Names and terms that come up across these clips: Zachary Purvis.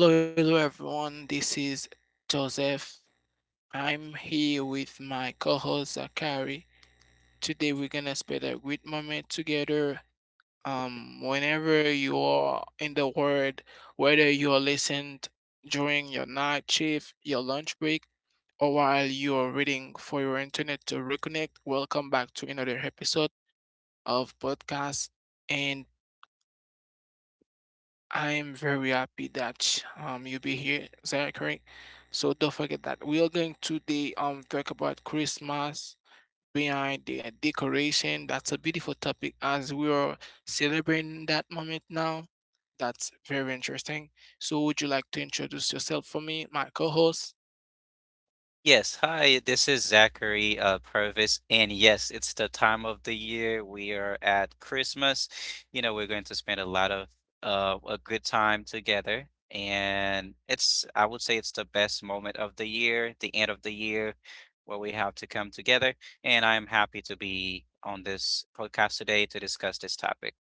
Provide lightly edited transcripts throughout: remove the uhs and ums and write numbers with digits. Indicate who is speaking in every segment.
Speaker 1: Hello, hello everyone. This is Joseph. I'm here with my co-host Zachary. Today we're gonna spend a great moment together. Whenever you are in the world, whether you are listening during your night shift, your lunch break, or while you are waiting for your internet to reconnect, welcome back to another episode of podcast. And I'm very happy that you'll be here. Is that correct? So don't forget that we are going to the talk about Christmas behind the decoration. That's a beautiful topic as we are celebrating that moment now. That's very interesting. So would you like to introduce yourself for me, my co-host?
Speaker 2: Yes, hi, this is Zachary Purvis, and yes, it's the time of the year we are at Christmas. You know, we're going to spend a lot of a good time together, and it's I would say it's the best moment of the year, the end of the year, where we have to come together. And I am happy to be on this podcast today to discuss this topic.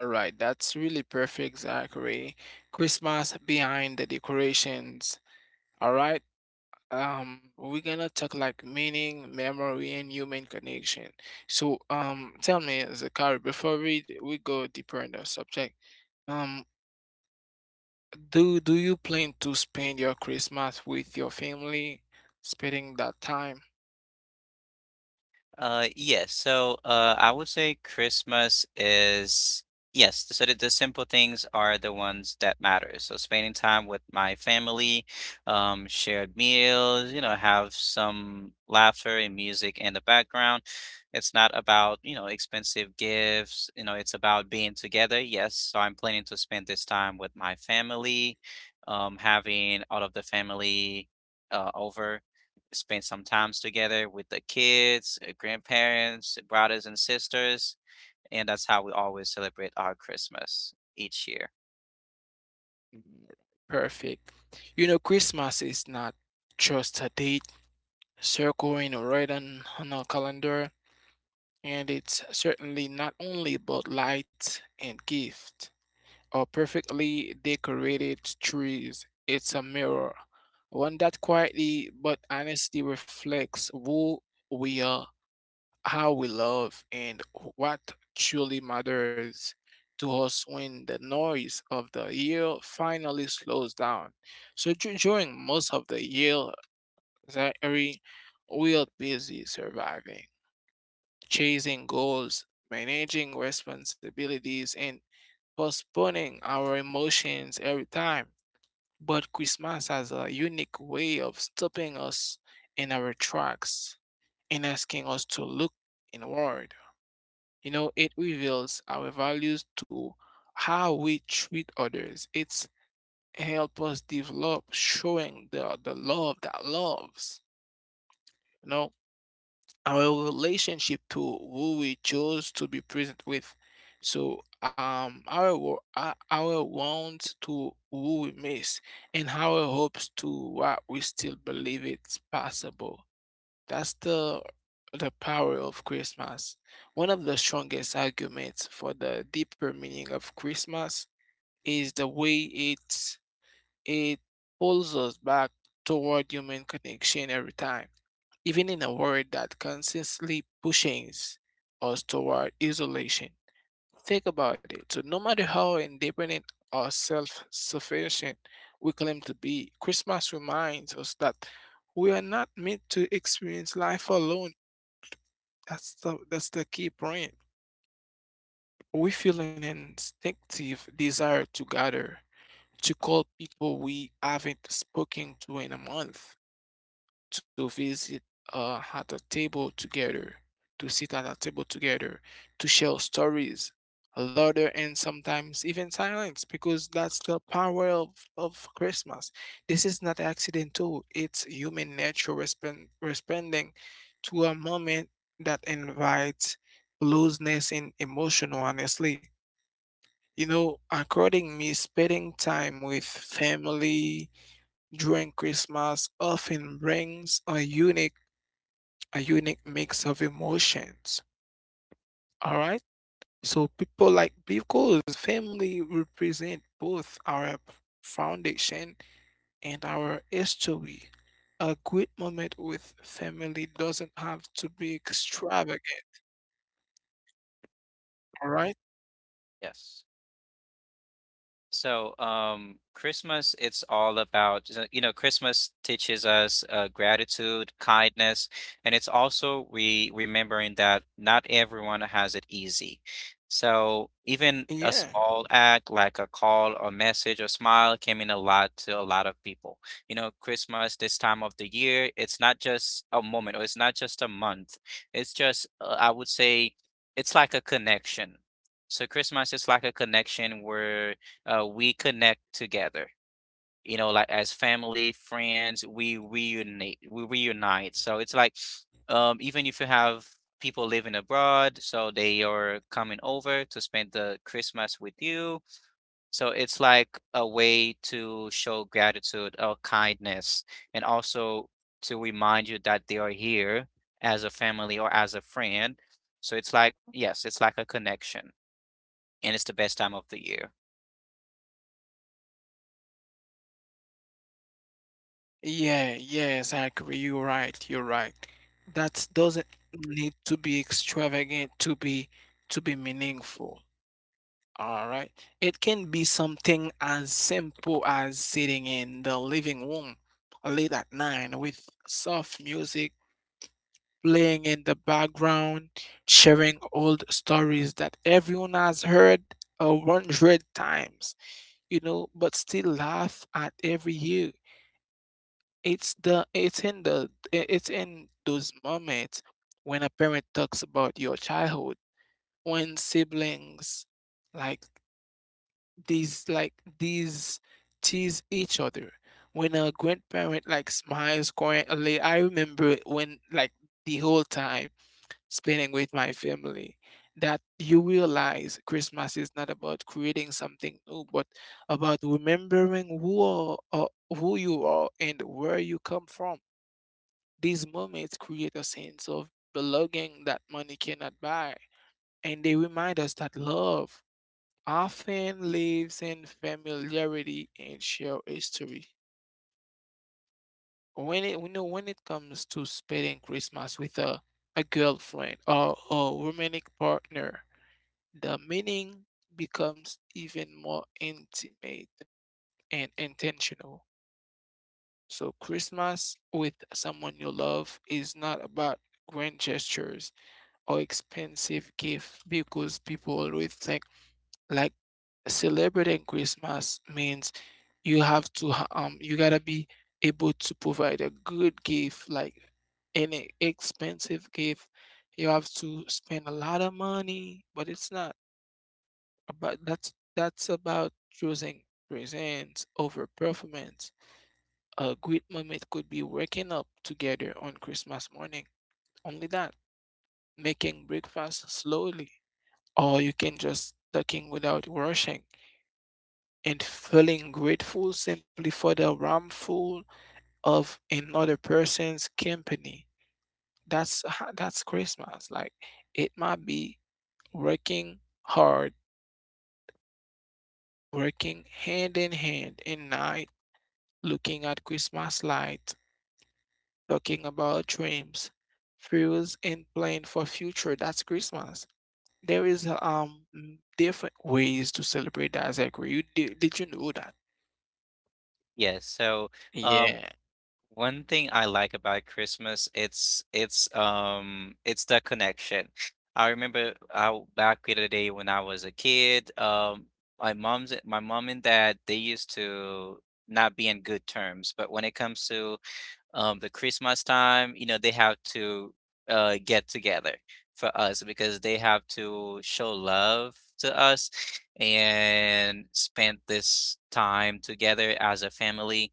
Speaker 1: All right, that's really perfect, Zachary. Christmas behind the decorations. All right. We're gonna talk like meaning, memory, and human connection. So tell me, Zakari, before we go deeper in the subject. um do you plan to spend your Christmas with your family, spending that time?
Speaker 2: Yes. So I would say Christmas is yes. The simple things are the ones that matter. So spending time with my family, shared meals, you know, have some laughter and music in the background. It's not about, you know, expensive gifts. You know, it's about being together. Yes. So I'm planning to spend this time with my family, having all of the family, over spent some times together with the kids, grandparents, brothers and sisters, and that's how we always celebrate our Christmas each year.
Speaker 1: Mm, perfect. You know, Christmas is not just a date circling or written on a calendar, and it's certainly not only about lights and gift or perfectly decorated trees. It's a mirror, one that quietly but honestly reflects who we are, how we love, and what truly matters to us when the noise of the year finally slows down. So during most of the year, Zachary, we are busy surviving, chasing goals, managing responsibilities, and postponing our emotions every time. But Christmas has a unique way of stopping us in our tracks and asking us to look inward. You know, it reveals our values to how we treat others. It's help us develop showing the love that loves. You know, our relationship to who we chose to be present with. So our wants to who we miss, and our hopes to what we still believe it's possible. That's the power of Christmas. One of the strongest arguments for the deeper meaning of Christmas is the way it pulls us back toward human connection every time, even in a world that constantly pushes us toward isolation. Think about it. So, no matter how independent or self sufficient we claim to be, Christmas reminds us that we are not meant to experience life alone. That's the key point. We feel an instinctive desire to gather, to call people we haven't spoken to in a month, to visit uh, at a table together, to sit at a table together, to share stories, laughter, and sometimes even silence, because that's the power of Christmas. This is not accidental, it's human nature responding to a moment that invites looseness and emotion, honestly. You know, according me, spending time with family during Christmas often brings a unique mix of emotions. All right? So people like, because family represent both our foundation and our history. A great moment with family doesn't have to be extravagant, all right?
Speaker 2: Yes. So, Christmas, it's all about, so, you know, Christmas teaches us gratitude, kindness, and it's also re remembering that not everyone has it easy. So, even a
Speaker 1: Yeah.
Speaker 2: small act like a call or message or smile can mean a lot to a lot of people. You know, Christmas, this time of the year, it's not just a moment or it's not just a month. It's just, I would say, it's like a connection. So Christmas is like a connection where we connect together. You know, like as family, friends, we reunite. We reunite. So it's like, even if you have people living abroad, so they are coming over to spend the Christmas with you. So it's like a way to show gratitude or kindness, and also to remind you that they are here as a family or as a friend. So it's like, yes, it's like a connection, and it's the best time of the year.
Speaker 1: Yeah, yeah, exactly. You're right. You're right. That doesn't need to be extravagant to be meaningful. All right. It can be something as simple as sitting in the living room late at night with soft music playing in the background, sharing old stories that everyone has heard 100 times, but still laugh at every year. It's the it's in the I- It's in those moments when a parent talks about your childhood, when siblings like like these tease each other, when a grandparent like smiles quietly. I remember when like the whole time spending with my family that you realize Christmas is not about creating something new, but about remembering who you are and where you come from. These moments create a sense of belonging that money cannot buy, and they remind us that love often lives in familiarity and shared history. When it comes to spending Christmas with a girlfriend or a romantic partner, the meaning becomes even more intimate and intentional. So, Christmas with someone you love is not about grand gestures or expensive gift, because people always think like celebrating Christmas means you gotta be able to provide a good gift, like an expensive gift, you have to spend a lot of money, but it's not about. That's about choosing presents over performance. A great moment could be waking up together on Christmas morning, only that, making breakfast slowly, or you can just talking without rushing, and feeling grateful simply for the warmth of another person's company. That's Christmas. Like it might be working hard, working hand in hand in night, looking at Christmas light, talking about dreams, fears, and plan for future. That's Christmas. There is different ways to celebrate that. I agree. Did you know that?
Speaker 2: Yes. So, um,
Speaker 1: Yeah.
Speaker 2: one thing I like about Christmas, it's the connection. I remember back in the day when I was a kid, my mom and dad they used to not be in good terms, but when it comes to the Christmas time, you know, they have to get together for us because they have to show love to us and spend this time together as a family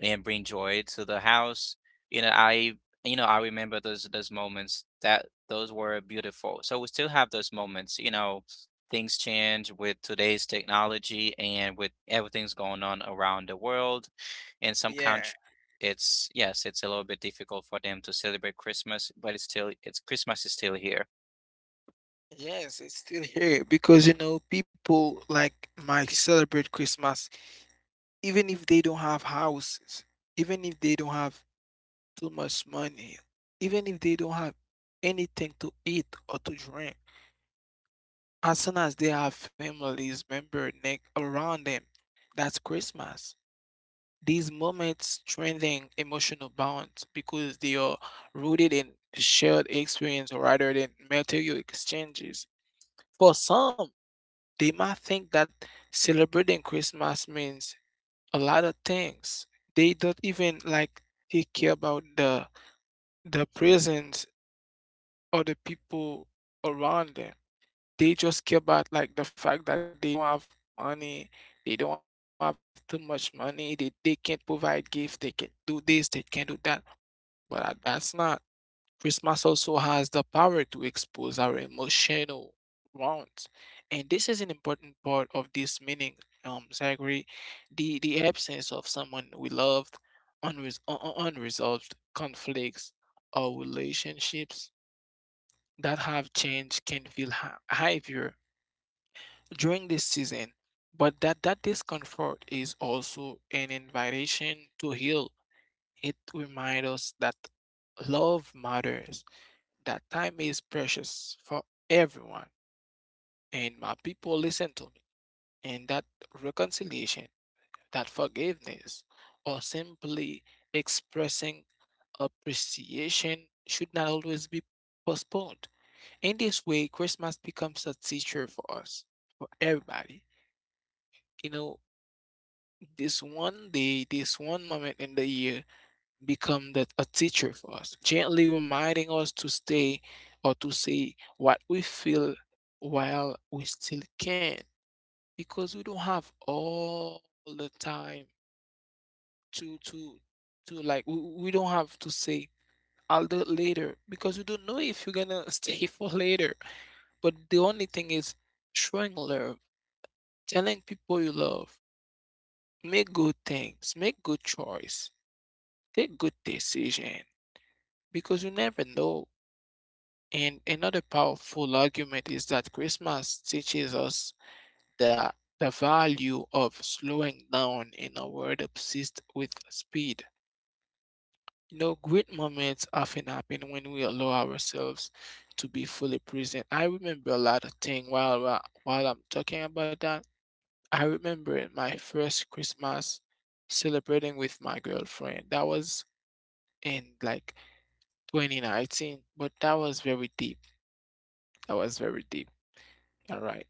Speaker 2: and bring joy to the house. You know, I you know I remember those moments that those were beautiful. So we still have those moments. You know, things change with today's technology and with everything's going on around the world. In some
Speaker 1: Yeah,
Speaker 2: countries, it's yes, it's a little bit difficult for them to celebrate Christmas, but it's still it's Christmas is still here.
Speaker 1: yes, it's still here, because people like might celebrate Christmas even if they don't have houses, even if they don't have too much money, even if they don't have anything to eat or to drink. As soon as they have families, member neck around them, that's Christmas. These moments strengthen emotional bonds because they are rooted in shared experience rather than material exchanges. For some, they might think that celebrating Christmas means a lot of things. They don't even like take care about the presents or the people around them. They just care about like the fact that they don't have money, they don't have too much money, they can't provide gifts, they can do this, they can do that. But that's not. Christmas also has the power to expose our emotional wounds, and this is an important part of this meaning. Zachary, the absence of someone we loved, unresolved conflicts or relationships that have changed can feel heavier during this season. But that discomfort is also an invitation to heal. It reminds us that love matters, that time is precious for everyone, and my people listen to me. And that reconciliation, that forgiveness, or simply expressing appreciation should not always be postponed. In this way, Christmas becomes a teacher for us, for everybody. You know, this one day, this one moment in the year become a teacher for us, gently reminding us to stay or to say what we feel while we still can, because we don't have all the time to to to like we don't have to say I'll do it later, because you don't know if you're gonna stay for later. But the only thing is showing love, telling people you love, make good things, make good choice, take good decision, because you never know. And another powerful argument is that Christmas teaches us the, the value of slowing down in a world obsessed with speed. You know, great moments often happen when we allow ourselves to be fully present. I remember a lot of things while I'm talking about that. I remember my first Christmas celebrating with my girlfriend. That was in like 2019, but that was very deep. That was very deep. All right.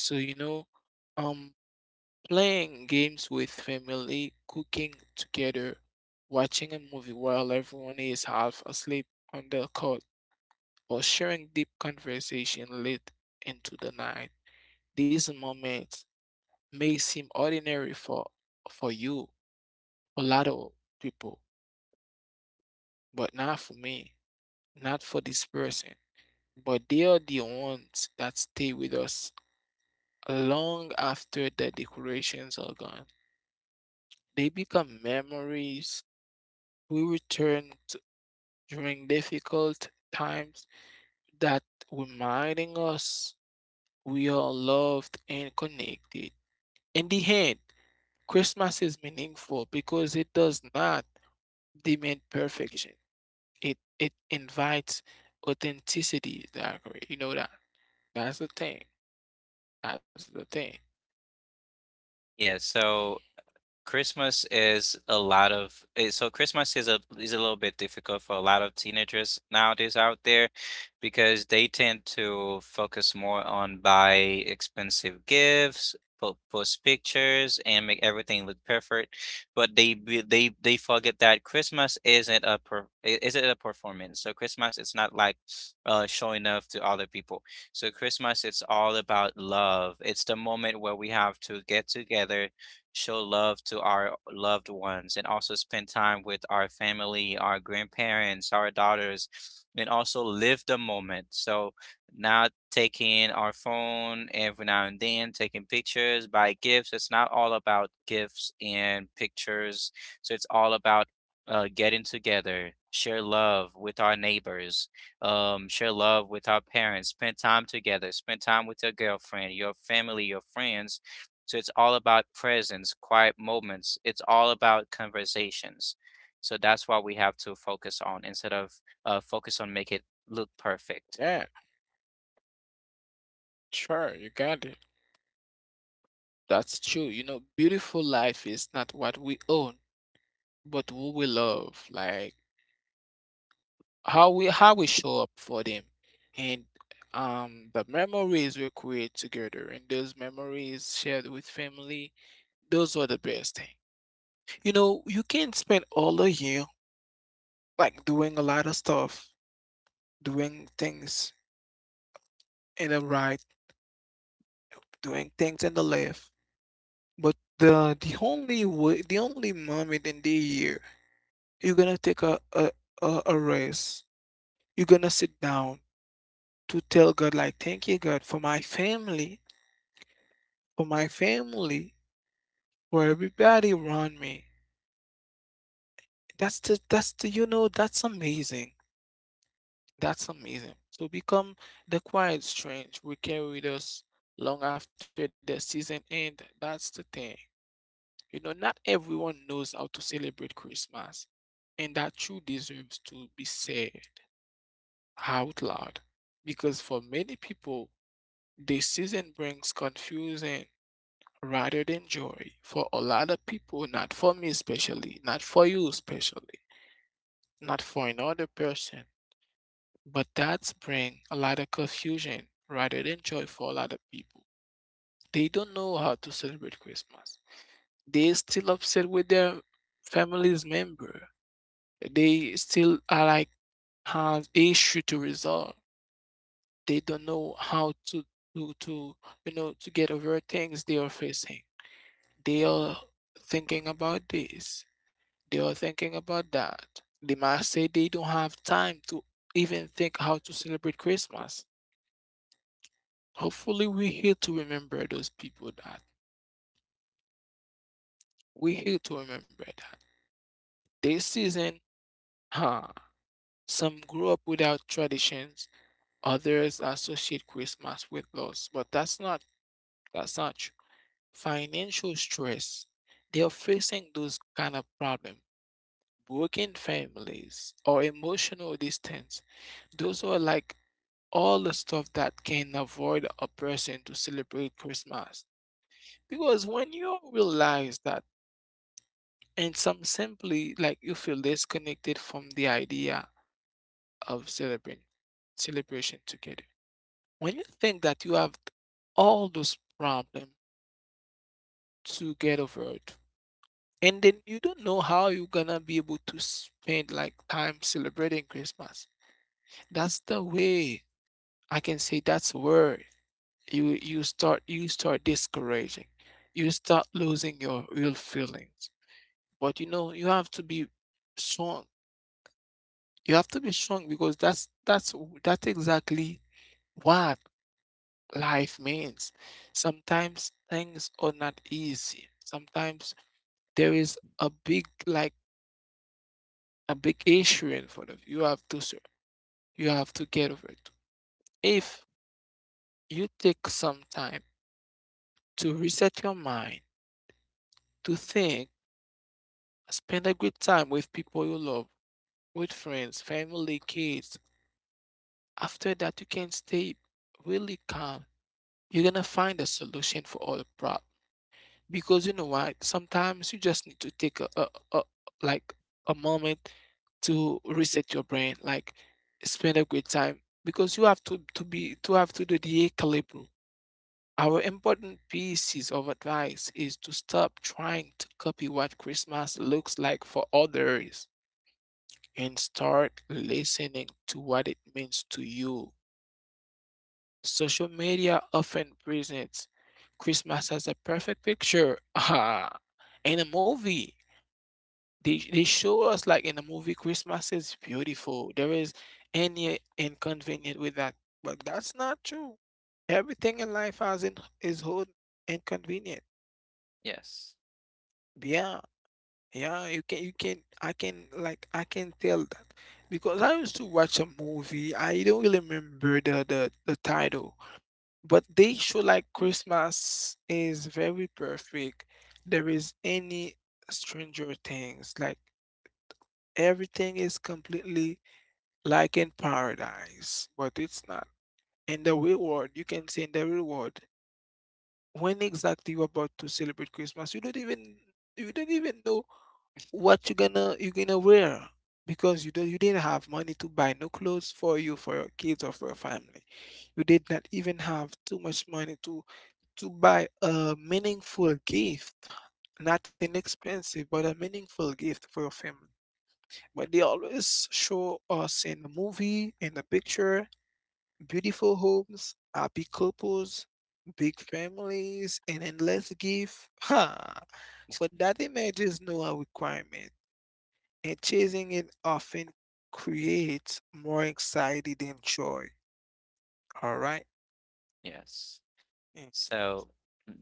Speaker 1: So, um, playing games with family, cooking together, watching a movie while everyone is half asleep on the couch, or sharing deep conversation late into the night. These moments may seem ordinary for you, a lot of people, but not for me, not for this person. But they are the ones that stay with us long after the decorations are gone. They become memories we return to during difficult times, that reminding us we are loved and connected. In the end, Christmas is meaningful because it does not demand perfection. It invites authenticity. You know that that's the thing. That's the thing.
Speaker 2: Yeah, so Christmas is a lot of eh, so Christmas is a little bit difficult for a lot of teenagers nowadays out there because they tend to focus more on buy expensive gifts, post pictures, and make everything look perfect. But they be- they forget that Christmas isn't a isn't a performance. So Christmas it's not like showing off to other people. So Christmas it's all about love. It's the moment where we have to get together show love to our loved ones and also spend time with our family, our grandparents, our daughters, and also live the moment. So, not taking our phone every now and then, taking pictures, buy gifts. It's not all about gifts and pictures. So, it's all about getting together, share love with our neighbors, share love with our parents, spend time together, spend time with your girlfriend, your family, your friends so it's all about presence, quiet moments. It's all about conversations. So that's what we have to focus on instead of focus on make it look perfect.
Speaker 1: Yeah, sure, you got it. That's true. You know, beautiful life is not what we own, but who we love. Like how we show up for them, and the memories we create together, and those memories shared with family, those were the best thing. You know, you can spend all the year like doing a lot of stuff, doing things in the right, doing things in the left, but the only way, the only moment in the year you're gonna take a rest, you're gonna sit down to tell God like, thank you God for my family, for my family, for everybody around me. That's the you know that's amazing. That's amazing. So become the quiet strength we carry with us long after the season end. That's the thing. You know, not everyone knows how to celebrate Christmas, and that truly deserves to be said out loud. Because for many people, the season brings confusion, rather than joy for a lot of people, not for me especially, not for you especially, not for another person. But that's bring a lot of confusion rather than joy for a lot of people. They don't know how to celebrate Christmas. They still upset with their family's member. They still are like have issue to resolve. They don't know how to to get over things they are facing. They are thinking about this. They are thinking about that. They might say they don't have time to even think how to celebrate Christmas. Hopefully, we're here to remember those people that we're here to remember that this season, huh? Some grew up without traditions, others associate Christmas with loss, but that's not true. Financial stress. They are facing those kind of problems. Broken families or emotional distance. Those are like all the stuff that can avoid a person to celebrate Christmas. Because when you realize that, and some simply like you feel disconnected from the idea of celebrating celebration together. When you think that you have all those problems to get over it, and then you don't know how you're gonna be able to spend like time celebrating Christmas. That's the way I can say that's where you start you start discouraging, you start losing your real feelings, but you know you have to be strong. You have to be strong because that's exactly what life means. Sometimes things are not easy. Sometimes there is a big like a big issue in front of you. You have to get over it. If you take some time to reset your mind, to think. Spend a good time with people you love, with friends, family, kids. After that, you can stay really calm. You're gonna find a solution for all the problem. Because you know what? Sometimes you just need to take a like a moment to reset your brain. Like spend a good time because you have to have to do the equilibrium. Our important pieces of advice is to stop trying to copy what Christmas looks like for others and start listening to what it means to you. Social media often presents Christmas as a perfect picture. Ah, in a movie, they show us like in a movie, Christmas is beautiful. There is any inconvenient with that, but that's not true. Everything in life has in, is whole inconvenient.
Speaker 2: Yes.
Speaker 1: Yeah. Yeah, you can I can like I can tell that because I used to watch a movie. I don't really remember the title, but they show like Christmas is very perfect. There is any Stranger Things, like everything is completely like in paradise, but it's not. In the real world, you can say in the real world, when exactly you're about to celebrate Christmas, you don't even know what you gonna wear because you didn't have money to buy no clothes for you, for your kids, or for your family. You did not even have too much money to buy a meaningful gift, not an expensive but a meaningful gift for your family. But they always show us in the movie, in the picture, beautiful homes, happy couples, big families, and endless gift, ha. But that image is no requirement, and chasing it often creates more anxiety than joy. All right.
Speaker 2: Yes.
Speaker 1: Mm.
Speaker 2: So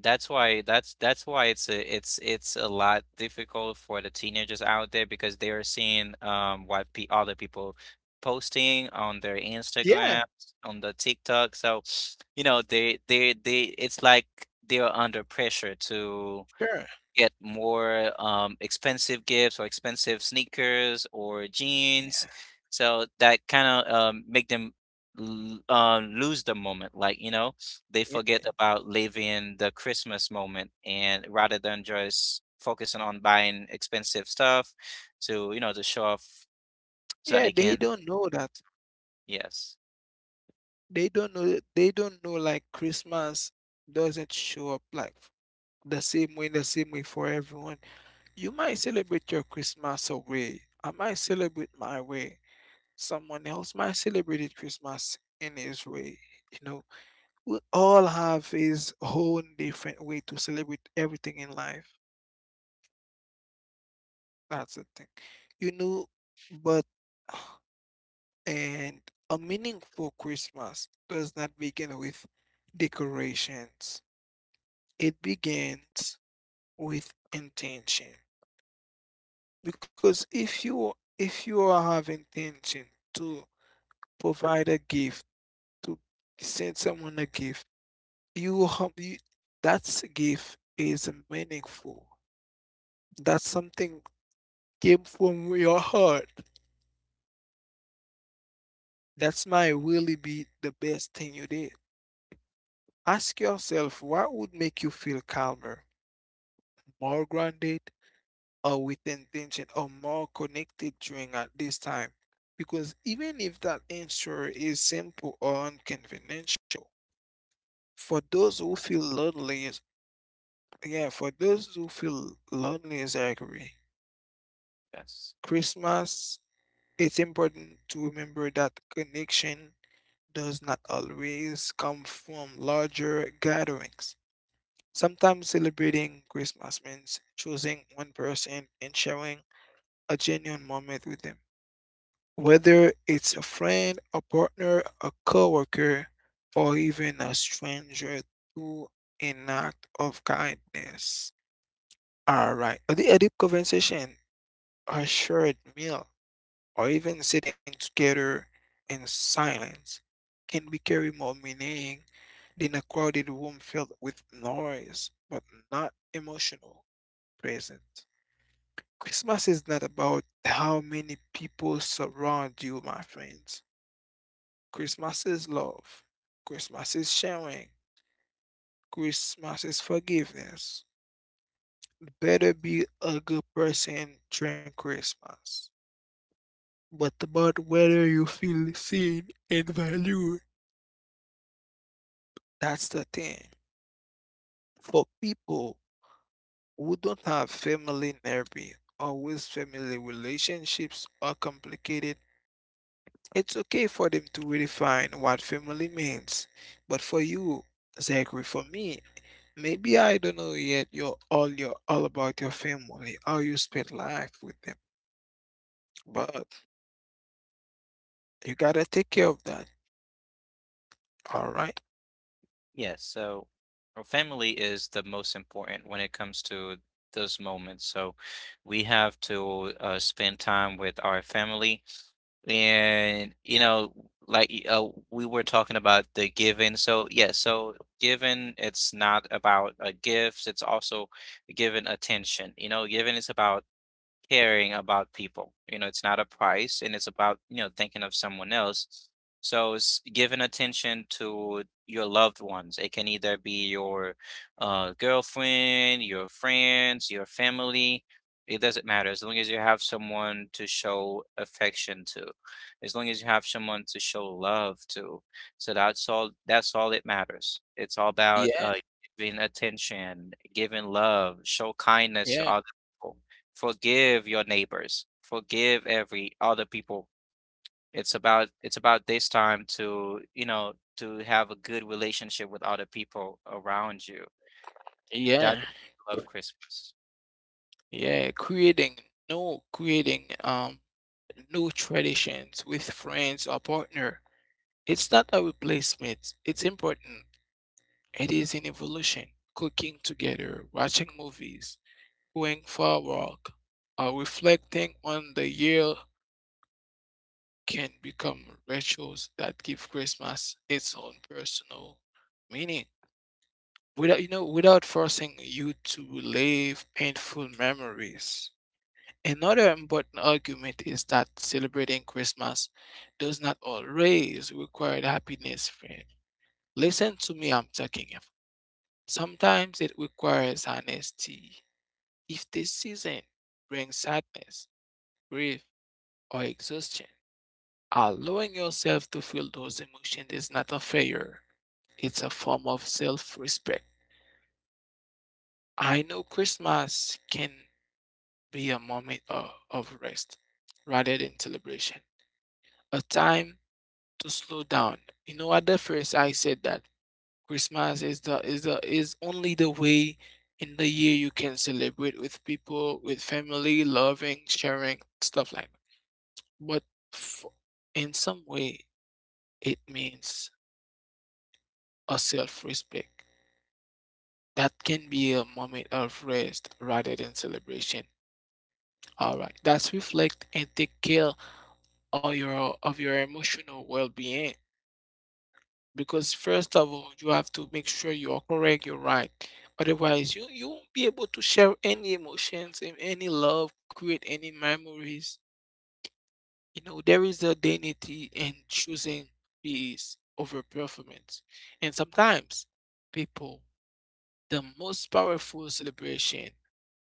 Speaker 2: that's why it's a it's it's a lot difficult for the teenagers out there because they are seeing what pe other people posting on their
Speaker 1: Yeah,
Speaker 2: Instagram, on the TikTok. So, you know, they it's like they are under pressure to
Speaker 1: sure.
Speaker 2: get more expensive gifts or expensive sneakers or jeans.
Speaker 1: Yeah,
Speaker 2: So that kind of make them lose the moment. Like you know, they
Speaker 1: yeah,
Speaker 2: forget about living the Christmas moment, and rather than just focusing on buying expensive stuff to you know to show off so that
Speaker 1: yeah.
Speaker 2: they
Speaker 1: They
Speaker 2: can.
Speaker 1: don't know that.
Speaker 2: Yes,
Speaker 1: They don't know. They don't know like Christmas doesn't show up the same way, for everyone. You might celebrate your Christmas a way. I might celebrate my way. Someone else might celebrate it Christmas in his way. You know, we all have his own different way to celebrate everything in life. That's the thing. You know, but and a meaningful Christmas does not begin with decorations. It begins with intention. Because if you have intention to provide a gift, to send someone a gift, you have you, that gift is meaningful. That's something came from your heart. That's might really be the best thing you did. Ask yourself what would make you feel calmer, more grounded, or with intention, or more connected during at this time. Because even if that answer is simple or unconventional, for those who feel lonely, yeah, for those who feel lonely is angry.
Speaker 2: yes.
Speaker 1: Christmas, it's important to remember that connection does not always come from larger gatherings. Sometimes celebrating Christmas means choosing one person and sharing a genuine moment with them, whether it's a friend, a partner, a coworker, or even a stranger through an act of kindness. All right, a deep conversation, a shared meal, or even sitting together in silence can be carry more meaning than a crowded room filled with noise, but not emotional. Present. Christmas is not about how many people surround you, my friends. Christmas is love. Christmas is sharing. Christmas is forgiveness. Better be a good person during Christmas. But about whether you feel seen and valued, that's the thing. For people who don't have family therapy, always family relationships are complicated. It's okay for them to redefine what family means, but for you, Zachary, for me, maybe I don't know yet. You're all about your family, how you spend life with them, but you gotta take care of that. All right.
Speaker 2: Yes, so our family is the most important when it comes to those moments. So we have to spend time with our family. And, you know, we were talking about the giving. So, yeah, so giving, it's not about a gift, it's also giving attention. You know, giving is about caring about people. You know, it's not a price and it's about, you know, thinking of someone else. So it's giving attention to your loved ones. It can either be your girlfriend, your friends, your family. It doesn't matter as long as you have someone to show affection to, as long as you have someone to show love to. So that's all. That's all it matters. It's all about
Speaker 1: Yeah,
Speaker 2: giving attention, giving love, show kindness to
Speaker 1: yeah,
Speaker 2: other people forgive your neighbors forgive every other people it's about this time to you know to have a good relationship with other people around you
Speaker 1: yeah,
Speaker 2: that's why I love Christmas
Speaker 1: yeah. Creating, no, creating new traditions with friends or partner. It's not a replacement. It's important. It is an evolution. Cooking together, watching movies, going for a walk, or reflecting on the year can become rituals that give Christmas its own personal meaning. Without without forcing you to relive painful memories. Another important argument is that celebrating Christmas does not always require happiness, friend. Listen to me, I'm talking here. Sometimes it requires honesty. If the season brings sadness, grief, or exhaustion. Allowing yourself to feel those emotions is not a failure, it's a form of self respect. I know Christmas can be a moment of rest rather than celebration, a time to slow down. You know, at the first, I said that Christmas is the is the is only the way in the year you can celebrate with people, with family, loving, sharing, stuff like that. But f- in some way, it means or self-respect. That can be a moment of rest rather than celebration. All right, that's reflect and take care of your emotional well-being. Because first of all, you have to make sure you are correct, you're right. Otherwise, you won't be able to share any emotions, and any love, create any memories. You know, there is a dignity in choosing peace over performance. And sometimes people, the most powerful celebration,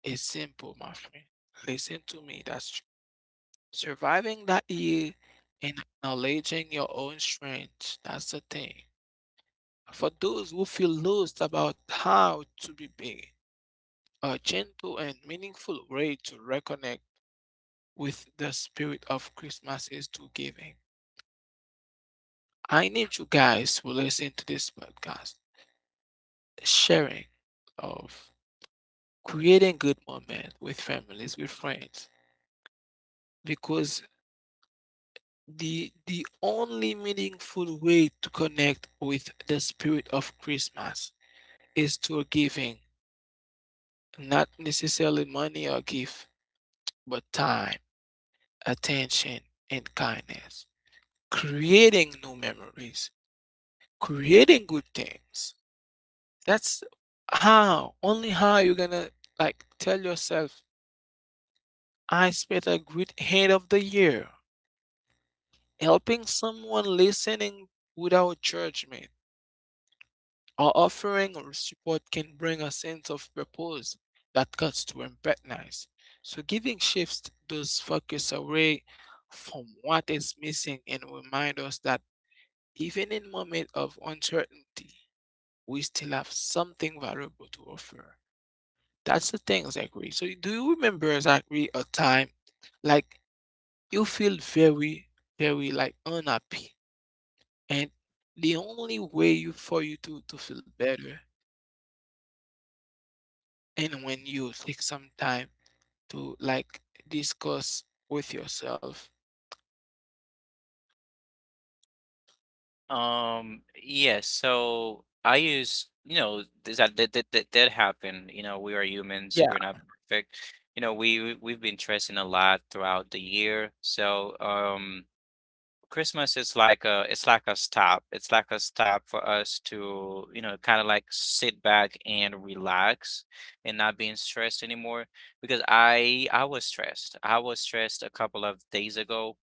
Speaker 1: it's simple, my friend. Listen to me. That's true. Surviving that year and acknowledging your own strengths. That's the thing. For those who feel lost about how to be big, a gentle and meaningful way to reconnect with the spirit of Christmas is to giving. I need you guys who listen to this podcast, sharing of creating good moments with families, with friends, because the only meaningful way to connect with the spirit of Christmas is through giving, not necessarily money or gift, but time, attention, and kindness. Creating new memories, creating good things. That's how, only how you're gonna like tell yourself, I spent a great end of the year helping someone, listening without judgment. Our offering or support can bring a sense of purpose that cuts to empathize. So giving shifts those focus away from what is missing and remind us that even in moments of uncertainty, we still have something valuable to offer. That's the thing, Zachary. So do you remember, Zachary, a time like you feel very, very like unhappy and the only way you for you to feel better and when you take some time to like discuss with yourself.
Speaker 2: yes so I use you know that happened you know we are humans
Speaker 1: Yeah.
Speaker 2: we're not perfect you know we we've been stressing a lot throughout the year so Christmas is like a it's like a stop. It's like a stop for us to, you know, kind of like sit back and relax and not being stressed anymore because I was stressed. I was stressed a couple of days ago,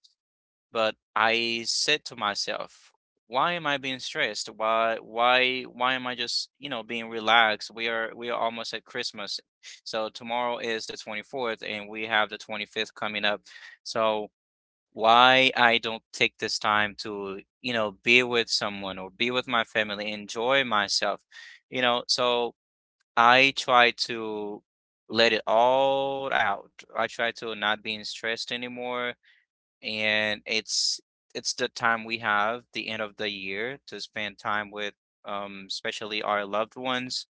Speaker 2: but I said to myself, why am I being stressed? Why am I just, you know, being relaxed? We are almost at Christmas. So tomorrow is the 24th and we have the 25th coming up. So why I don't take this time to, you know, be with someone or be with my family, enjoy myself, you know. So I try to let it all out. I try to not being stressed anymore. And it's the time we have, the end of the year, to spend time with especially our loved ones.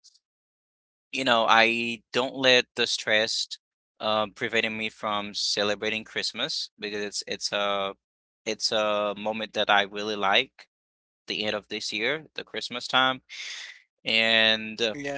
Speaker 2: You know, I don't let the stress preventing me from celebrating Christmas because it's a moment that I really like. The end of this year, the Christmas time, and
Speaker 1: Yeah,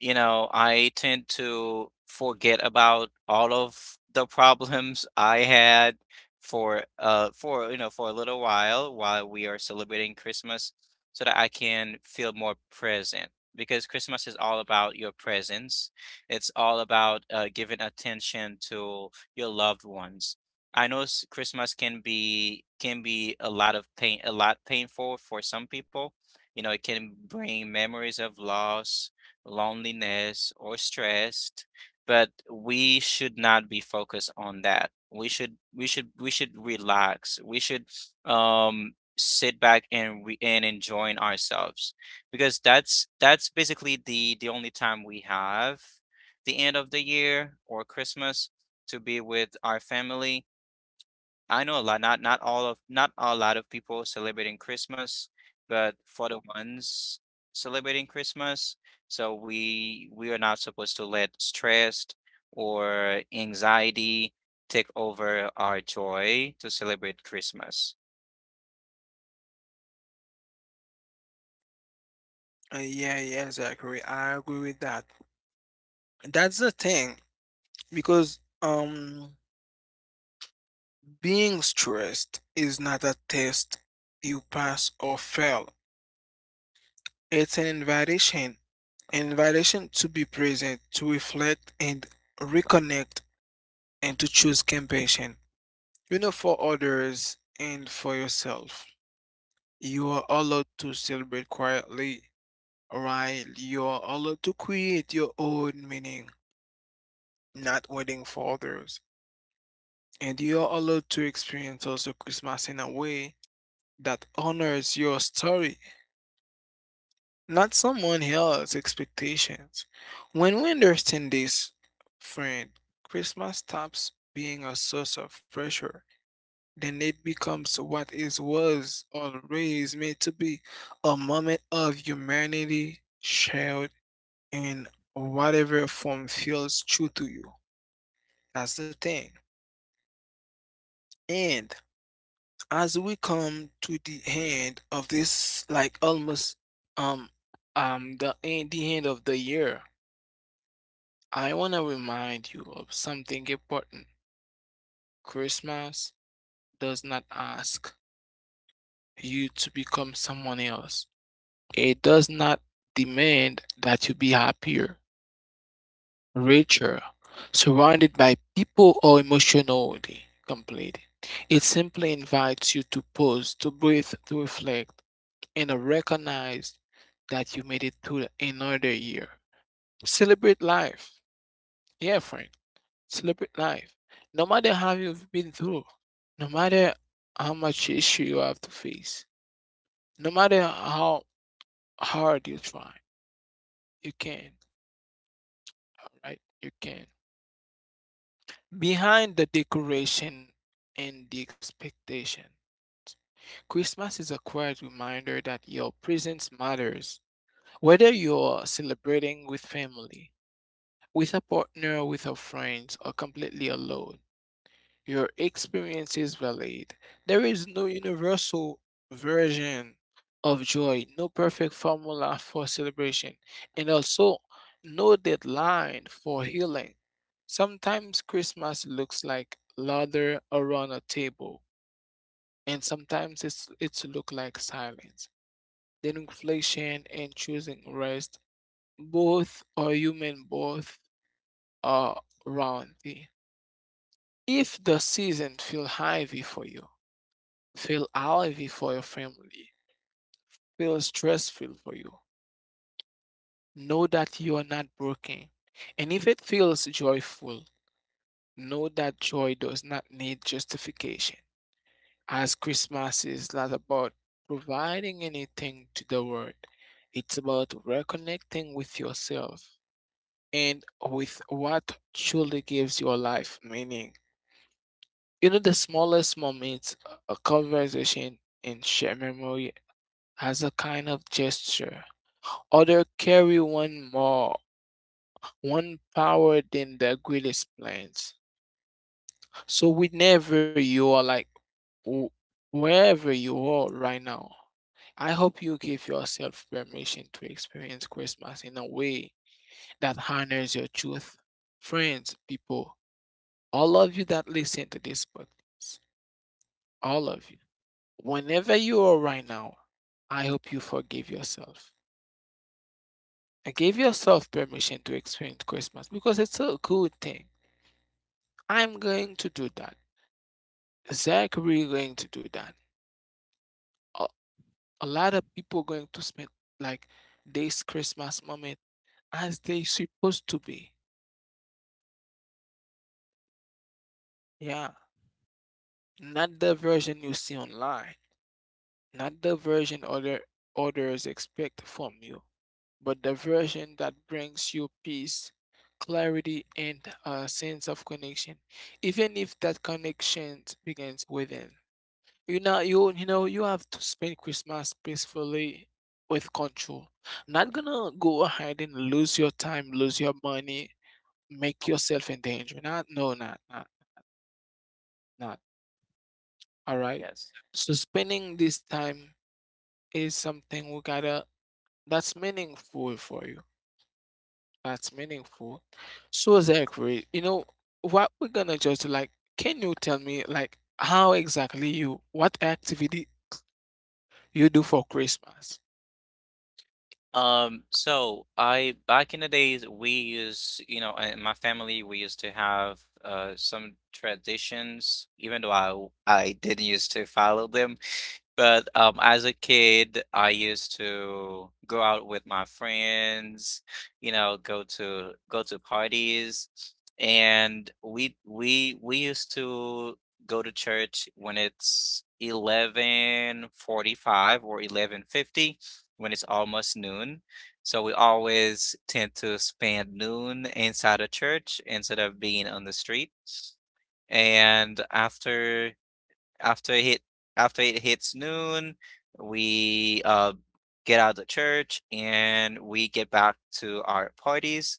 Speaker 2: you know, I tend to forget about all of the problems I had for for a little while we are celebrating Christmas so that I can feel more present because Christmas is all about your presence. It's all about giving attention to your loved ones. I know Christmas can be a lot of pain a lot painful for some people. You know, it can bring memories of loss loneliness, or stressed, but we should not be focused on that. We should relax. We should sit back and enjoying ourselves because that's basically the only time we have the end of the year or Christmas to be with our family. I know a lot, not a lot of people celebrating Christmas, but for the ones celebrating Christmas, so we are not supposed to let stress or anxiety take over our joy to celebrate Christmas.
Speaker 1: yeah, yeah, exactly. I agree with that. That's the thing because being stressed is not a test you pass or fail. It's an invitation to be present, to reflect and reconnect and to choose compassion, you know, for others and for yourself. You are allowed to celebrate quietly, right? You are allowed to create your own meaning, not waiting for others. And you are allowed to experience also Christmas in a way that honors your story, not someone else's expectations. When we understand this, friend, Christmas stops being a source of pressure. Then it becomes what it was always meant to be, a moment of humanity shared in whatever form feels true to you. That's the thing. And as we come to the end of this, like almost um the end of the year, I wanna remind you of something important. Christmas does not ask you to become someone else. It does not demand that you be happier, richer, surrounded by people or emotionally complete. It simply invites you to pause, to breathe, to reflect, and to recognize that you made it through another year. Celebrate life. Yeah, friend. Celebrate life. No matter how you've been through, no matter how much issue you have to face, no matter how hard you try, you can. All right, you can. Behind the decoration and the expectation, Christmas is a quiet reminder that your presence matters. Whether you're celebrating with family, with a partner, with your friends, or completely alone, your experience is valid. There is no universal version of joy, no perfect formula for celebration, and also no deadline for healing. Sometimes Christmas looks like lather around a table, and sometimes it's look like silence. Then inflation and choosing rest, both are human, both are round. Thing. If the season feel heavy for you, feel heavy for your family, feel stressful for you, know that you are not broken. And if it feels joyful, know that joy does not need justification. As Christmas is not about providing anything to the world, it's about reconnecting with yourself and with what truly gives your life meaning. You know, the smallest moments, a conversation and shared memory, as a kind of gesture. Other carry one more, one power than the greatest plans. So, whenever you are like, w- wherever you are right now, I hope you give yourself permission to experience Christmas in a way that honors your truth. Friends, people, all of you that listen to this podcast, all of you, whenever you are right now, I hope you forgive yourself and give yourself permission to experience Christmas because it's a good thing. I'm going to do that. Zach, we're going to do that. A, a lot of people going to spend like this Christmas moment as they supposed to be. Yeah. Not the version you see online, not the version others expect from you, but the version that brings you peace, clarity, and a sense of connection. Even if that connection begins within. You know, you have to spend Christmas peacefully with control. Not gonna go ahead and lose your time, lose your money, make yourself in danger. Not, no, not, not, not. All right.
Speaker 2: Yes.
Speaker 1: So spending this time is something we gotta that's meaningful for you. That's meaningful. So Zachary, you know what we're gonna just like, can you tell me like how exactly you what activity you do for Christmas?
Speaker 2: So I back in the days we used, you know, in my family we used to have some traditions, even though I didn't used to follow them, but as a kid, I used to go out with my friends, you know, go to parties, and we used to go to church when it's 11:45 or 11:50 when it's almost noon. So we always tend to spend noon inside a church instead of being on the street. And after it hit after it hits noon, we get out of church and we get back to our parties.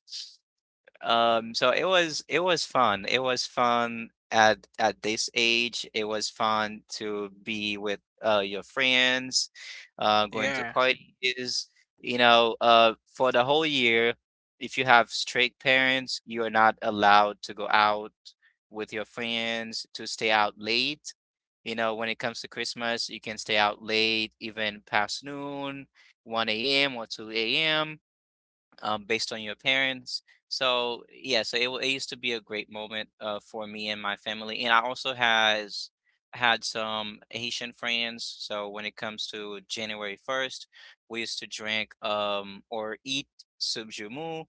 Speaker 2: So it was fun. It was fun at this age. It was fun to be with your friends, going to
Speaker 1: Yeah.
Speaker 2: parties, you know, for the whole year, if you have strict parents, you are not allowed to go out with your friends, to stay out late. You know, when it comes to Christmas, you can stay out late, even past noon, 1 a.m. or 2 a.m based on your parents. So yeah, so it used to be a great moment for me and my family, and I also has had some Haitian friends. So when it comes to January 1st, we used to drink or eat subjumu,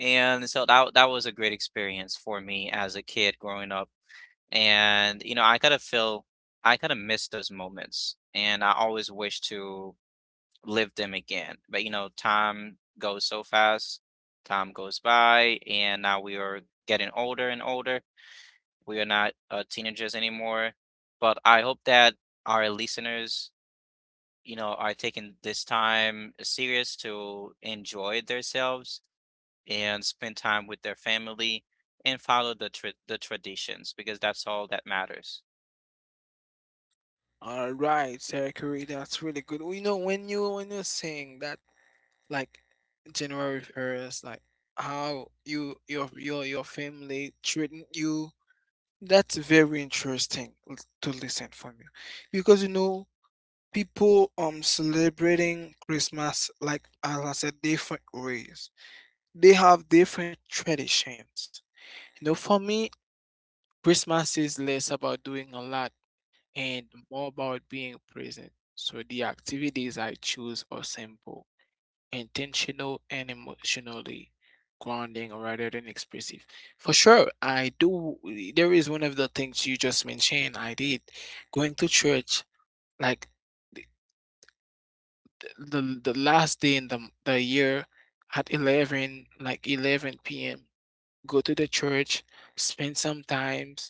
Speaker 2: and so that was a great experience for me as a kid growing up. And you know, I kind of miss those moments, and I always wish to live them again. But you know, time goes so fast, time goes by, and now we are getting older and older. We are not teenagers anymore. But I hope that our listeners, you know, are taking this time serious to enjoy themselves and spend time with their family and follow the traditions because that's all that matters.
Speaker 1: All right, Sarah Curry, that's really good. Well, you know, when you're saying that, like January first, like how you your family treating you, that's very interesting to listen from you, because you know people celebrating Christmas like, as I said, different ways. They have different traditions. You know, for me, Christmas is less about doing a lot and more about being present. So the activities I choose are simple, intentional and emotionally grounding rather than expressive. For sure, I do there is one of the things you just mentioned I did. Going to church like the last day in the year at 11, like 11 p.m., go to the church, spend some times,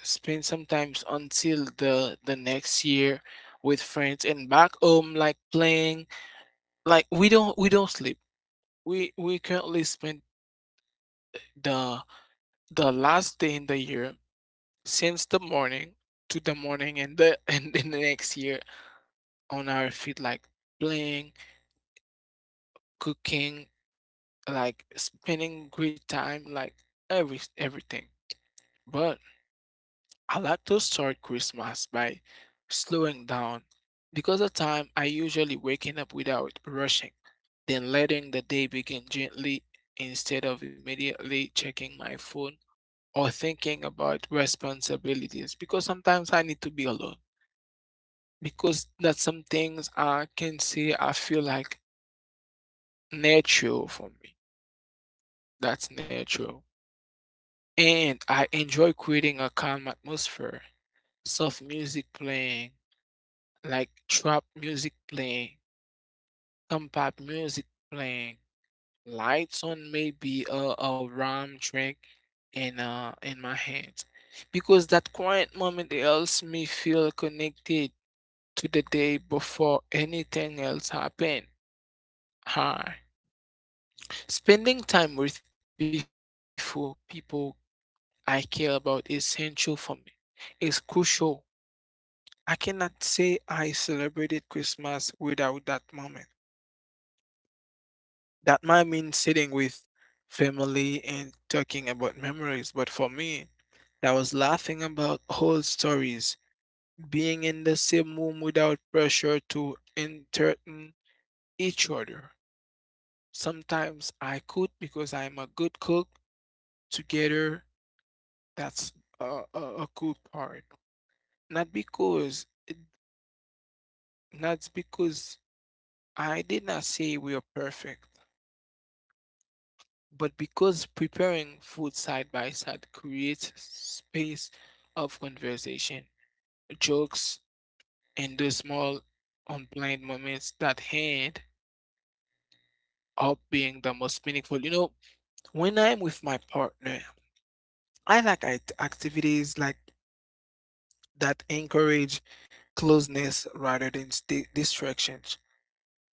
Speaker 1: spend some times until the next year with friends and back home, like playing, like we don't sleep, we currently spend the the last day in the year since the morning to the morning and the and the next year on our feet, like playing, cooking, like spending great time, like everything. But I like to start Christmas by slowing down because of time I usually waking up without rushing, then letting the day begin gently instead of immediately checking my phone or thinking about responsibilities, because sometimes I need to be alone because that's some things I can say I feel like natural for me. That's natural. And I enjoy creating a calm atmosphere, soft music playing, like trap music playing, compact music playing, lights on, maybe a rum drink in my hand. Because that quiet moment helps me feel connected to the day before anything else happen. Hi. Spending time with before people I care about is essential for me. It's crucial, I cannot say I celebrated Christmas without that moment. That might mean sitting with family and talking about memories, but for me, that was laughing about old stories, being in the same room without pressure to entertain each other. Sometimes I cook because I'm a good cook. Together, that's a cool part. Not because, not because I did not say we are perfect, but because preparing food side by side creates space of conversation, jokes, and those small unplanned moments that end up being the most meaningful. You know, when I'm with my partner, I like activities like that encourage closeness rather than distractions.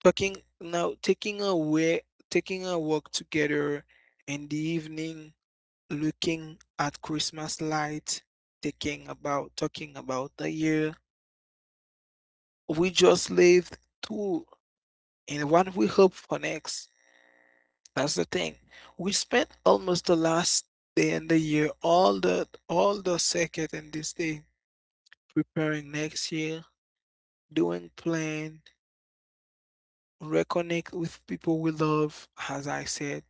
Speaker 1: Talking now, taking a way, taking a walk together in the evening, looking at Christmas lights, thinking about talking about the year we just lived through and what we hope for next. That's the thing. We spent almost the last day in the year, all the second and this day preparing next year, doing plan, reconnect with people we love. As I said,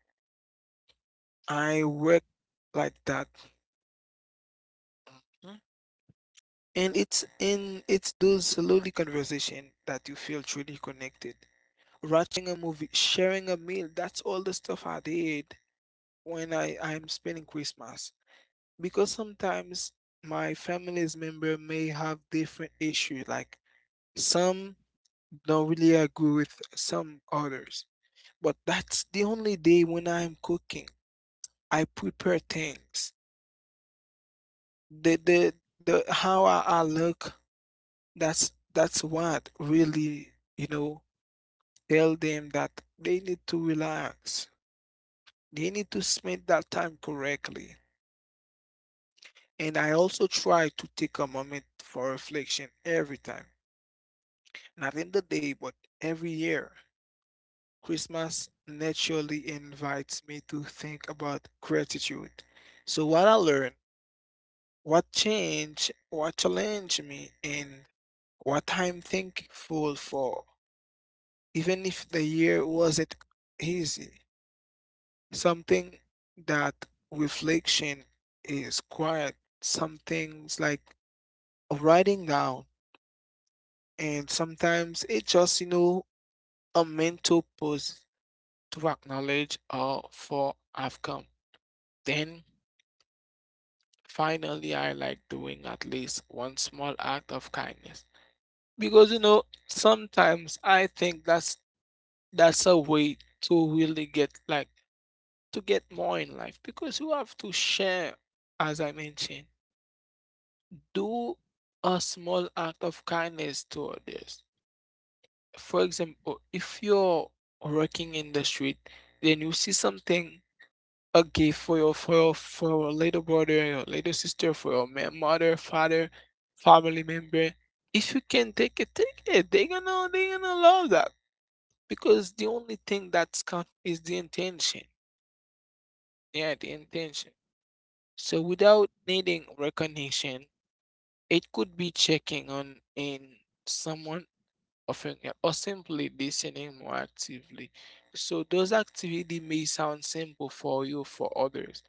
Speaker 1: I work like that. And it's those lowly conversation that you feel truly connected. Watching a movie, sharing a meal, that's all the stuff I did when I'm spending Christmas. Because sometimes my family's member may have different issues, like some don't really agree with some others. But that's the only day when I'm cooking. I prepare things. The the the how I look, that's what really, you know, tell them that they need to relax. They need to spend that time correctly. And I also try to take a moment for reflection every time. Not in the day, but every year. Christmas naturally invites me to think about gratitude. So, what I learned, what changed, what challenged me, and what I'm thankful for, even if the year wasn't easy. Something that reflection is quiet, some things like writing down, and sometimes it's just, you know, a mental pause to acknowledge or for I've come. Then finally I like doing at least one small act of kindness, because you know sometimes I think that's a way to really get like to get more in life because you have to share. As I mentioned, do a small act of kindness to others. For example, if you're working in the street, then you see something, a gift for your for your, for your little brother, your little sister, for your mother, father, family member. If you can take it, take it. They're gonna love that because the only thing that's count is the intention. Yeah, the intention. So without needing recognition, it could be checking on in someone, often, yeah, or simply listening more actively. So those activities may sound simple for you, for others.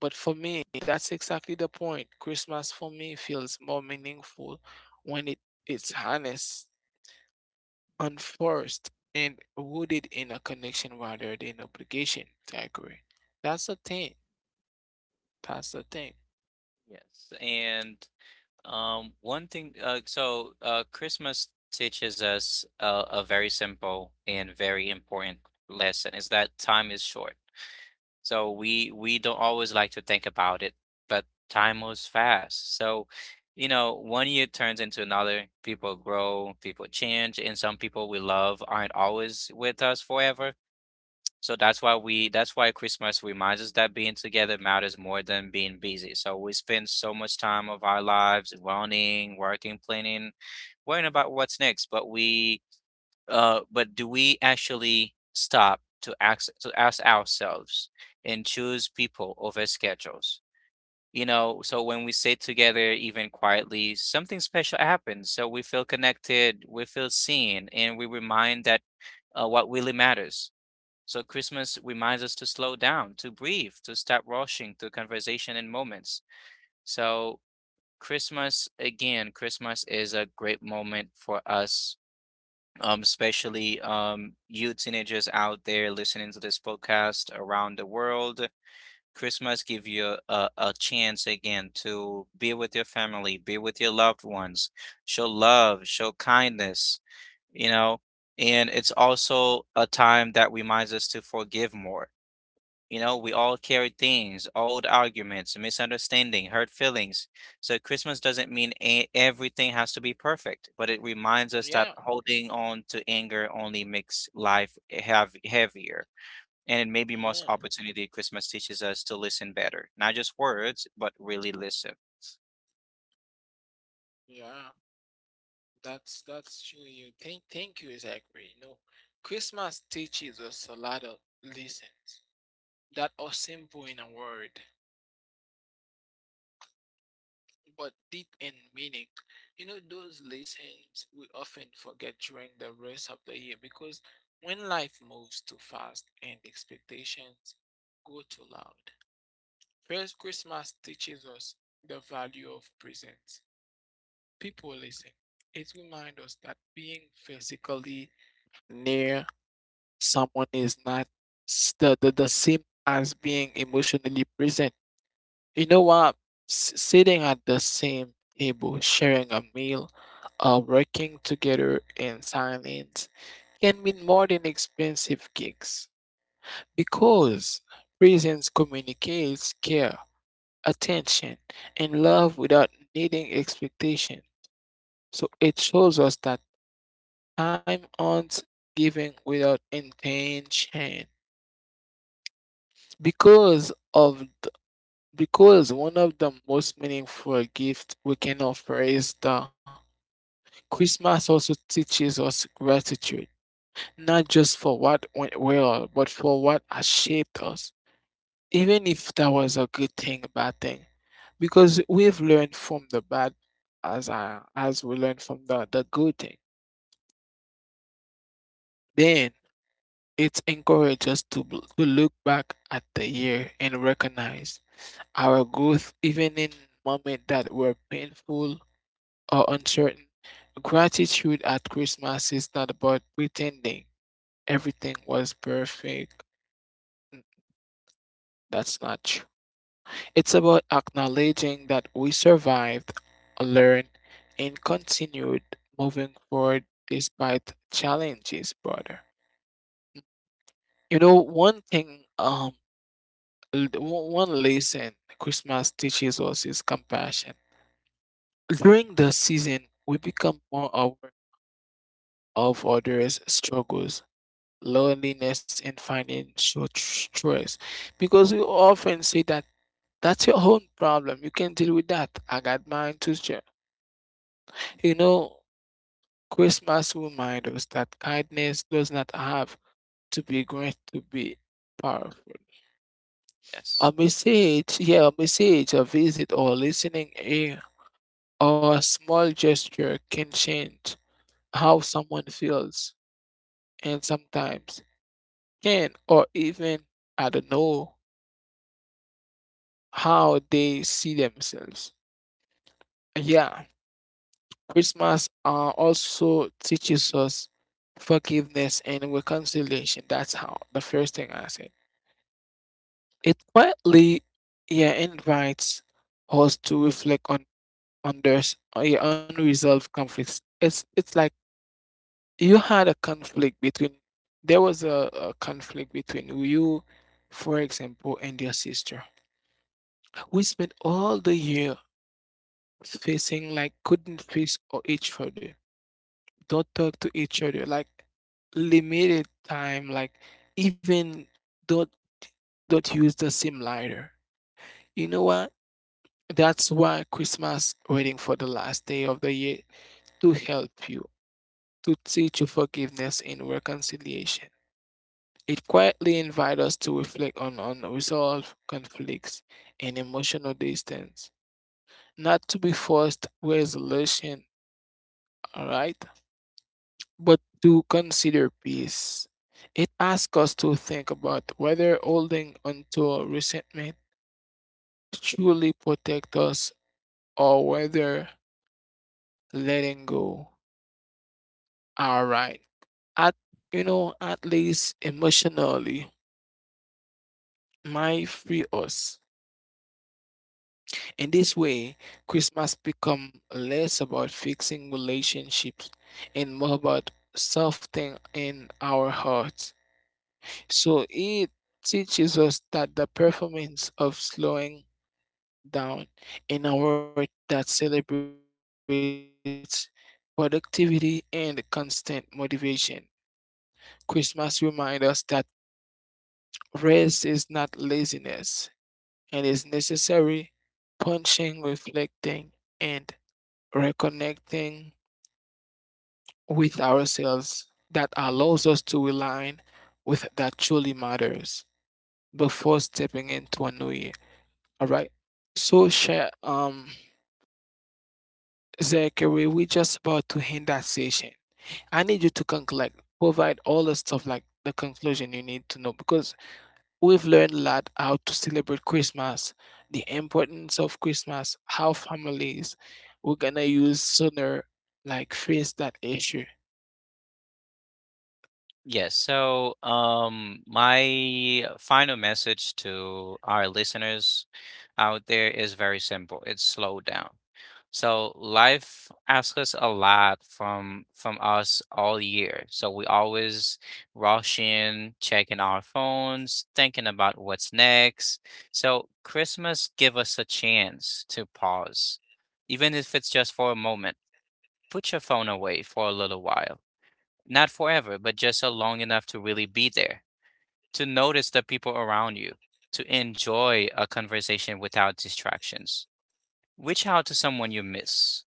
Speaker 1: But for me, that's exactly the point. Christmas for me feels more meaningful when it, it's honest, unforced, and rooted in a connection rather than obligation. I agree. That's the thing. That's the thing.
Speaker 2: Yes. And one thing, Christmas teaches us a very simple and very important lesson is that time is short. So we don't always like to think about it, but time moves fast. So, you know, one year turns into another. People grow, people change, and some people we love aren't always with us forever. So that's why Christmas reminds us that being together matters more than being busy. So we spend so much time of our lives running, working, planning, worrying about what's next, but we but do we actually stop to ask ourselves and choose people over schedules? You know, so when we sit together even quietly, something special happens. So we feel connected, we feel seen, and we remind that what really matters. So Christmas reminds us to slow down, to breathe, to stop rushing through conversation and moments. So Christmas is a great moment for us, especially you teenagers out there listening to this podcast around the world. Christmas give you a chance again to be with your family, be with your loved ones, show love, show kindness, you know, and it's also a time that reminds us to forgive more. You know, we all carry things, old arguments, misunderstanding, hurt feelings. So Christmas doesn't mean everything has to be perfect, but it reminds us that
Speaker 1: Yeah.
Speaker 2: holding on to anger only makes life have heavier. And in maybe most
Speaker 1: Yeah.
Speaker 2: opportunity, Christmas teaches us to listen better, not just words, but really listen.
Speaker 1: Yeah, that's true. You thank you is agree. No, Christmas teaches us a lot of lessons that are simple in a word, but deep in meaning. You know those lessons we often forget during the rest of the year, because when life moves too fast and expectations go too loud. First, Christmas teaches us the value of presence. People listen. It reminds us that being physically near someone is not the same as being emotionally present. You know what? Sitting at the same table, sharing a meal, working together in silence can mean more than expensive gigs, because presence communicates care, attention, and love without needing expectation. So it shows us that time owns giving without intention because of. Because one of the most meaningful gifts we can offer is the Christmas also teaches us gratitude, not just for what went well, but for what has shaped us, even if that was a good thing, bad thing. Because we've learned from the bad as as we learn from the good thing. Then it encourages us to, to look back at the year and recognize our growth even in moments that were painful or uncertain. Gratitude at Christmas is not about pretending everything was perfect. N- That's not true. It's about acknowledging that we survived, learned, and continued moving forward despite challenges, brother. You know, one thing, one lesson Christmas teaches us is compassion. During the season, we become more aware of others' struggles, loneliness, and financial stress, because we often say that that's your own problem, you can deal with that, I got mine to share, you know Christmas reminds us that kindness does not have to be great to be powerful. A
Speaker 2: Yes.
Speaker 1: message, yeah, a message, a visit or listening ear or a small gesture can change how someone feels. And sometimes can or even, I don't know, how they see themselves. Yeah, Christmas also teaches us forgiveness and reconciliation. That's how the first thing I said. It quietly, yeah, invites us to reflect on their yeah, unresolved conflicts. It's like you had a conflict between, there was a conflict between you, for example, and your sister. We spent all the year facing, like, couldn't face or each other. Don't talk to each other, like, limited time, like, even don't don't use the same lighter. You know what? That's why Christmas, waiting for the last day of the year to help you, to teach you forgiveness and reconciliation. It quietly invites us to reflect on unresolved conflicts and emotional distance, not to be forced resolution. All right. But to consider peace, it asks us to think about whether holding onto resentment truly protects us, or whether letting go are right. At You know, at least emotionally, might free us. In this way, Christmas become less about fixing relationships and more about softening in our hearts. So it teaches us that the performance of slowing down in a world that celebrates productivity and constant motivation. Christmas reminds us that rest is not laziness and is necessary, punching, reflecting, and reconnecting with ourselves that allows us to realign with that truly matters before stepping into a new year. All right. So, Zachary, we're just about to end that session. I need you to conclude, provide all the stuff like the conclusion you need to know, because we've learned a lot how to celebrate Christmas, the importance of Christmas, how families we're gonna use sooner, like face that issue.
Speaker 2: Yes. So, my final message to our listeners out there is very simple. It's slow down. So life asks us a lot from us all year. So we always rush in, checking our phones, thinking about what's next. So Christmas give us a chance to pause, even if it's just for a moment. Put your phone away for a little while. Not forever, but just so long enough to really be there, to notice the people around you, to enjoy a conversation without distractions. Reach out to someone you miss,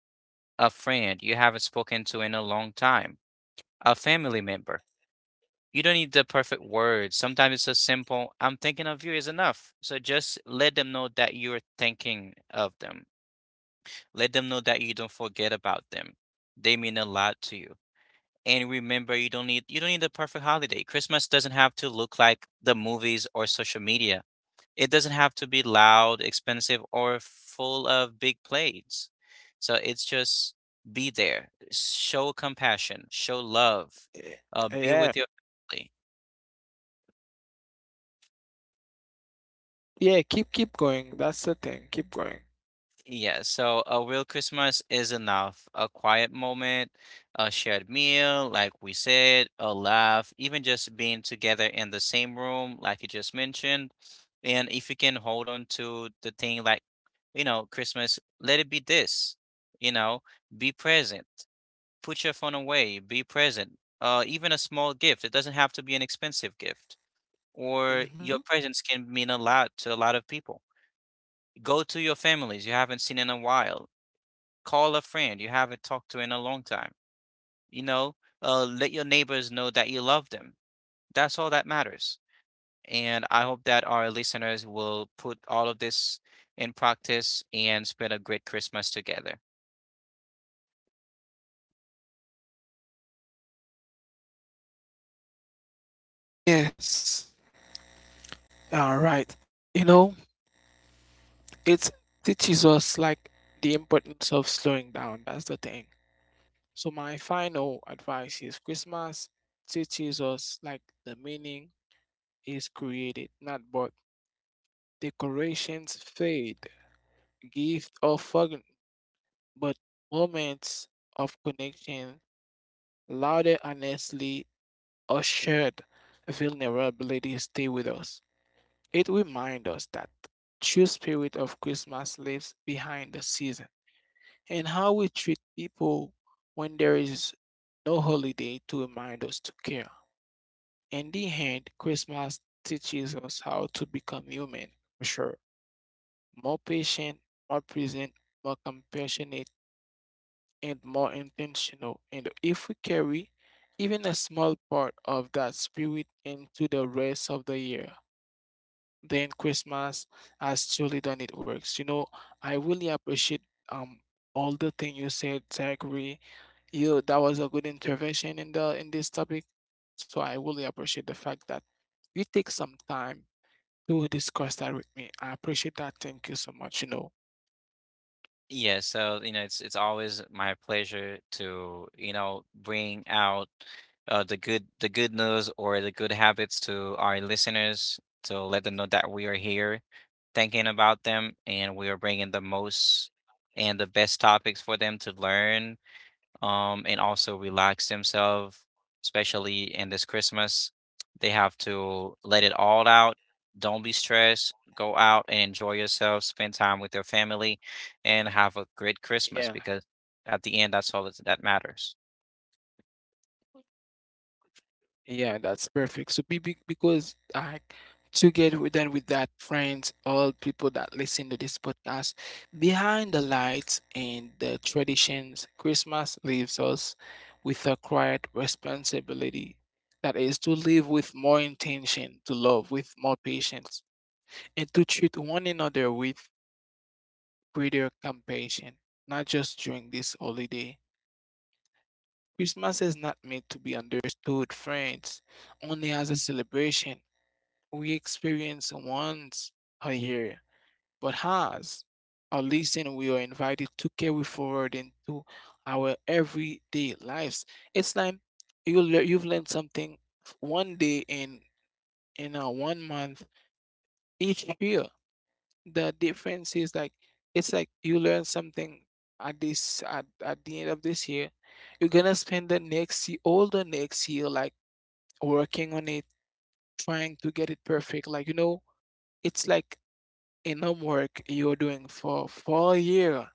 Speaker 2: a friend you haven't spoken to in a long time, a family member. You don't need the perfect words. Sometimes it's a simple, I'm thinking of you is enough. So just let them know that you're thinking of them. Let them know that you don't forget about them. They mean a lot to you. And remember, you don't need a perfect holiday. Christmas doesn't have to look like the movies or social media. It doesn't have to be loud, expensive, or full of big plates. So it's just be there, show compassion, show love,
Speaker 1: Eh,
Speaker 2: be
Speaker 1: yeah,
Speaker 2: with your family.
Speaker 1: yeah. Keep going. That's the thing. Keep going.
Speaker 2: Yeah, so a real Christmas is enough. A quiet moment, a shared meal, like we said, a laugh, even just being together in the same room, like you just mentioned. And if you can hold on to the thing like, you know, Christmas, let it be this, you know, be present. Put your phone away, be present. Even a small gift, it doesn't have to be an expensive gift, or your
Speaker 1: Hmm.
Speaker 2: presence can mean a lot to a lot of people. Go to your families you haven't seen in a while. Call a friend you haven't talked to in a long time. You know, let your neighbors know that you love them. That's all that matters. And I hope that our listeners will put all of this in practice and spend a great Christmas together.
Speaker 1: Yes. All right. You know. It teaches us, like, the importance of slowing down. That's the thing. So my final advice is Christmas teaches us like the meaning is created, not bought. Decorations fade, gift or forgotten, but moments of connection, louder honestly or shared vulnerability stay with us. It reminds us that true spirit of Christmas lives behind the season, and how we treat people when there is no holiday to remind us to care. In the end, Christmas teaches us how to become human, for sure, more patient, more present, more compassionate, and more intentional. And if we carry even a small part of that spirit into the rest of the year, then Christmas has truly done it works. You know, I really appreciate um all the thing you said, Zachary. You, that was a good intervention in the in this topic. So I really appreciate the fact that you take some time to discuss that with me. I appreciate that. Thank you so much. You know,
Speaker 2: Yeah, so you know, it's always my pleasure to, you know, bring out the good news or the good habits to our listeners to let them know that we are here thinking about them and we are bringing the most and the best topics for them to learn and also relax themselves, especially in this Christmas. They have to let it all out. Don't be stressed. Go out and enjoy yourself. Spend time with your family, and have a
Speaker 1: yeah.
Speaker 2: great Christmas because at the end, that's all that matters.
Speaker 1: Yeah, that's perfect. So because I, together with then with that friends, all people that listen to this podcast, behind the lights and the traditions, Christmas leaves us with a quiet responsibility. That is to live with more intention, to love with more patience, and to treat one another with greater compassion, not just during this holiday. Christmas is not meant to be understood, friends, only as a celebration we experience once a year, but has a lesson we are invited to carry forward into our everyday lives. It's like you've learned something one day in a one month each year. The difference is like it's like you learn something at the end of this year. You're gonna spend the next year, all the next year, like working on it, trying to get it perfect. Like, you know, it's like enough work you're doing for 4 year,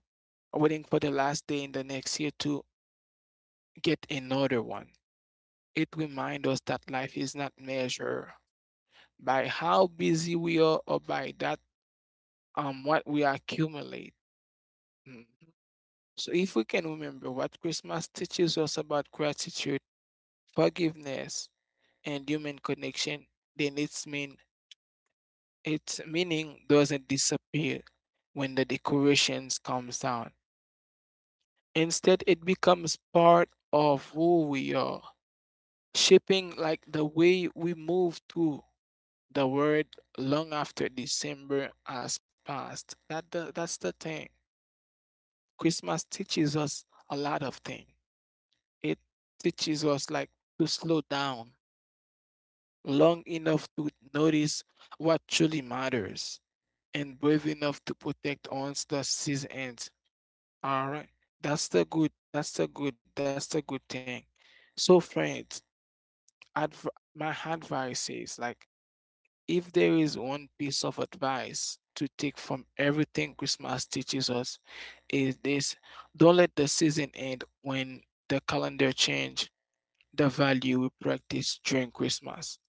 Speaker 1: waiting for the last day in the next year to get another one. It reminds us that life is not measured by how busy we are or by that what we accumulate. Mhm. So if we can remember what Christmas teaches us about gratitude, forgiveness, and human connection, then its meaning doesn't disappear when the decorations comes down. Instead, it becomes part of who we are, shaping like the way we move through the world long after December has passed. That's the thing. Christmas teaches us a lot of things. It teaches us, like, to slow down long enough to notice what truly matters and brave enough to protect once the season ends. All right. That's the good. That's the good. That's the good thing. So friends, adv- my advice is like, if there is one piece of advice to take from everything Christmas teaches us, is this: don't let the season end when the calendar change the value we practice during Christmas.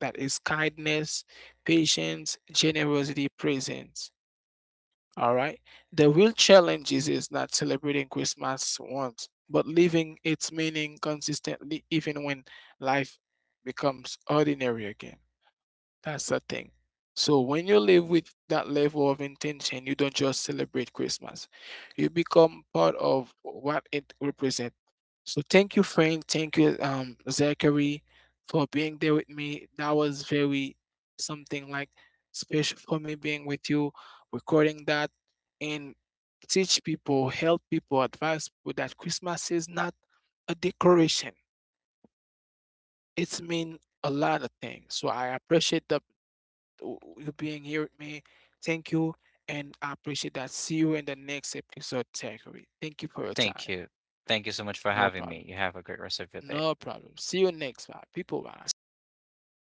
Speaker 1: That is kindness, patience, generosity, presence. All right. The real challenge is not celebrating Christmas once, but living its meaning consistently, even when life becomes ordinary again. That's the thing. So when you live with that level of intention, you don't just celebrate Christmas. You become part of what it represents. So thank you, Frank. Thank you, Zachary, for being there with me. That was very something like special for me being with you, recording that and teach people, help people, advise people that Christmas is not a decoration. It's mean a lot of things. So I appreciate the w- you being here with me. Thank you, and I appreciate that. See you in the next episode, Zachary. Thank you for your
Speaker 2: Thank
Speaker 1: time.
Speaker 2: you. Thank you so much for
Speaker 1: No
Speaker 2: having me.
Speaker 1: problem.
Speaker 2: You have a great rest of your day.
Speaker 1: No problem. See you next time. People, bye.
Speaker 2: See you.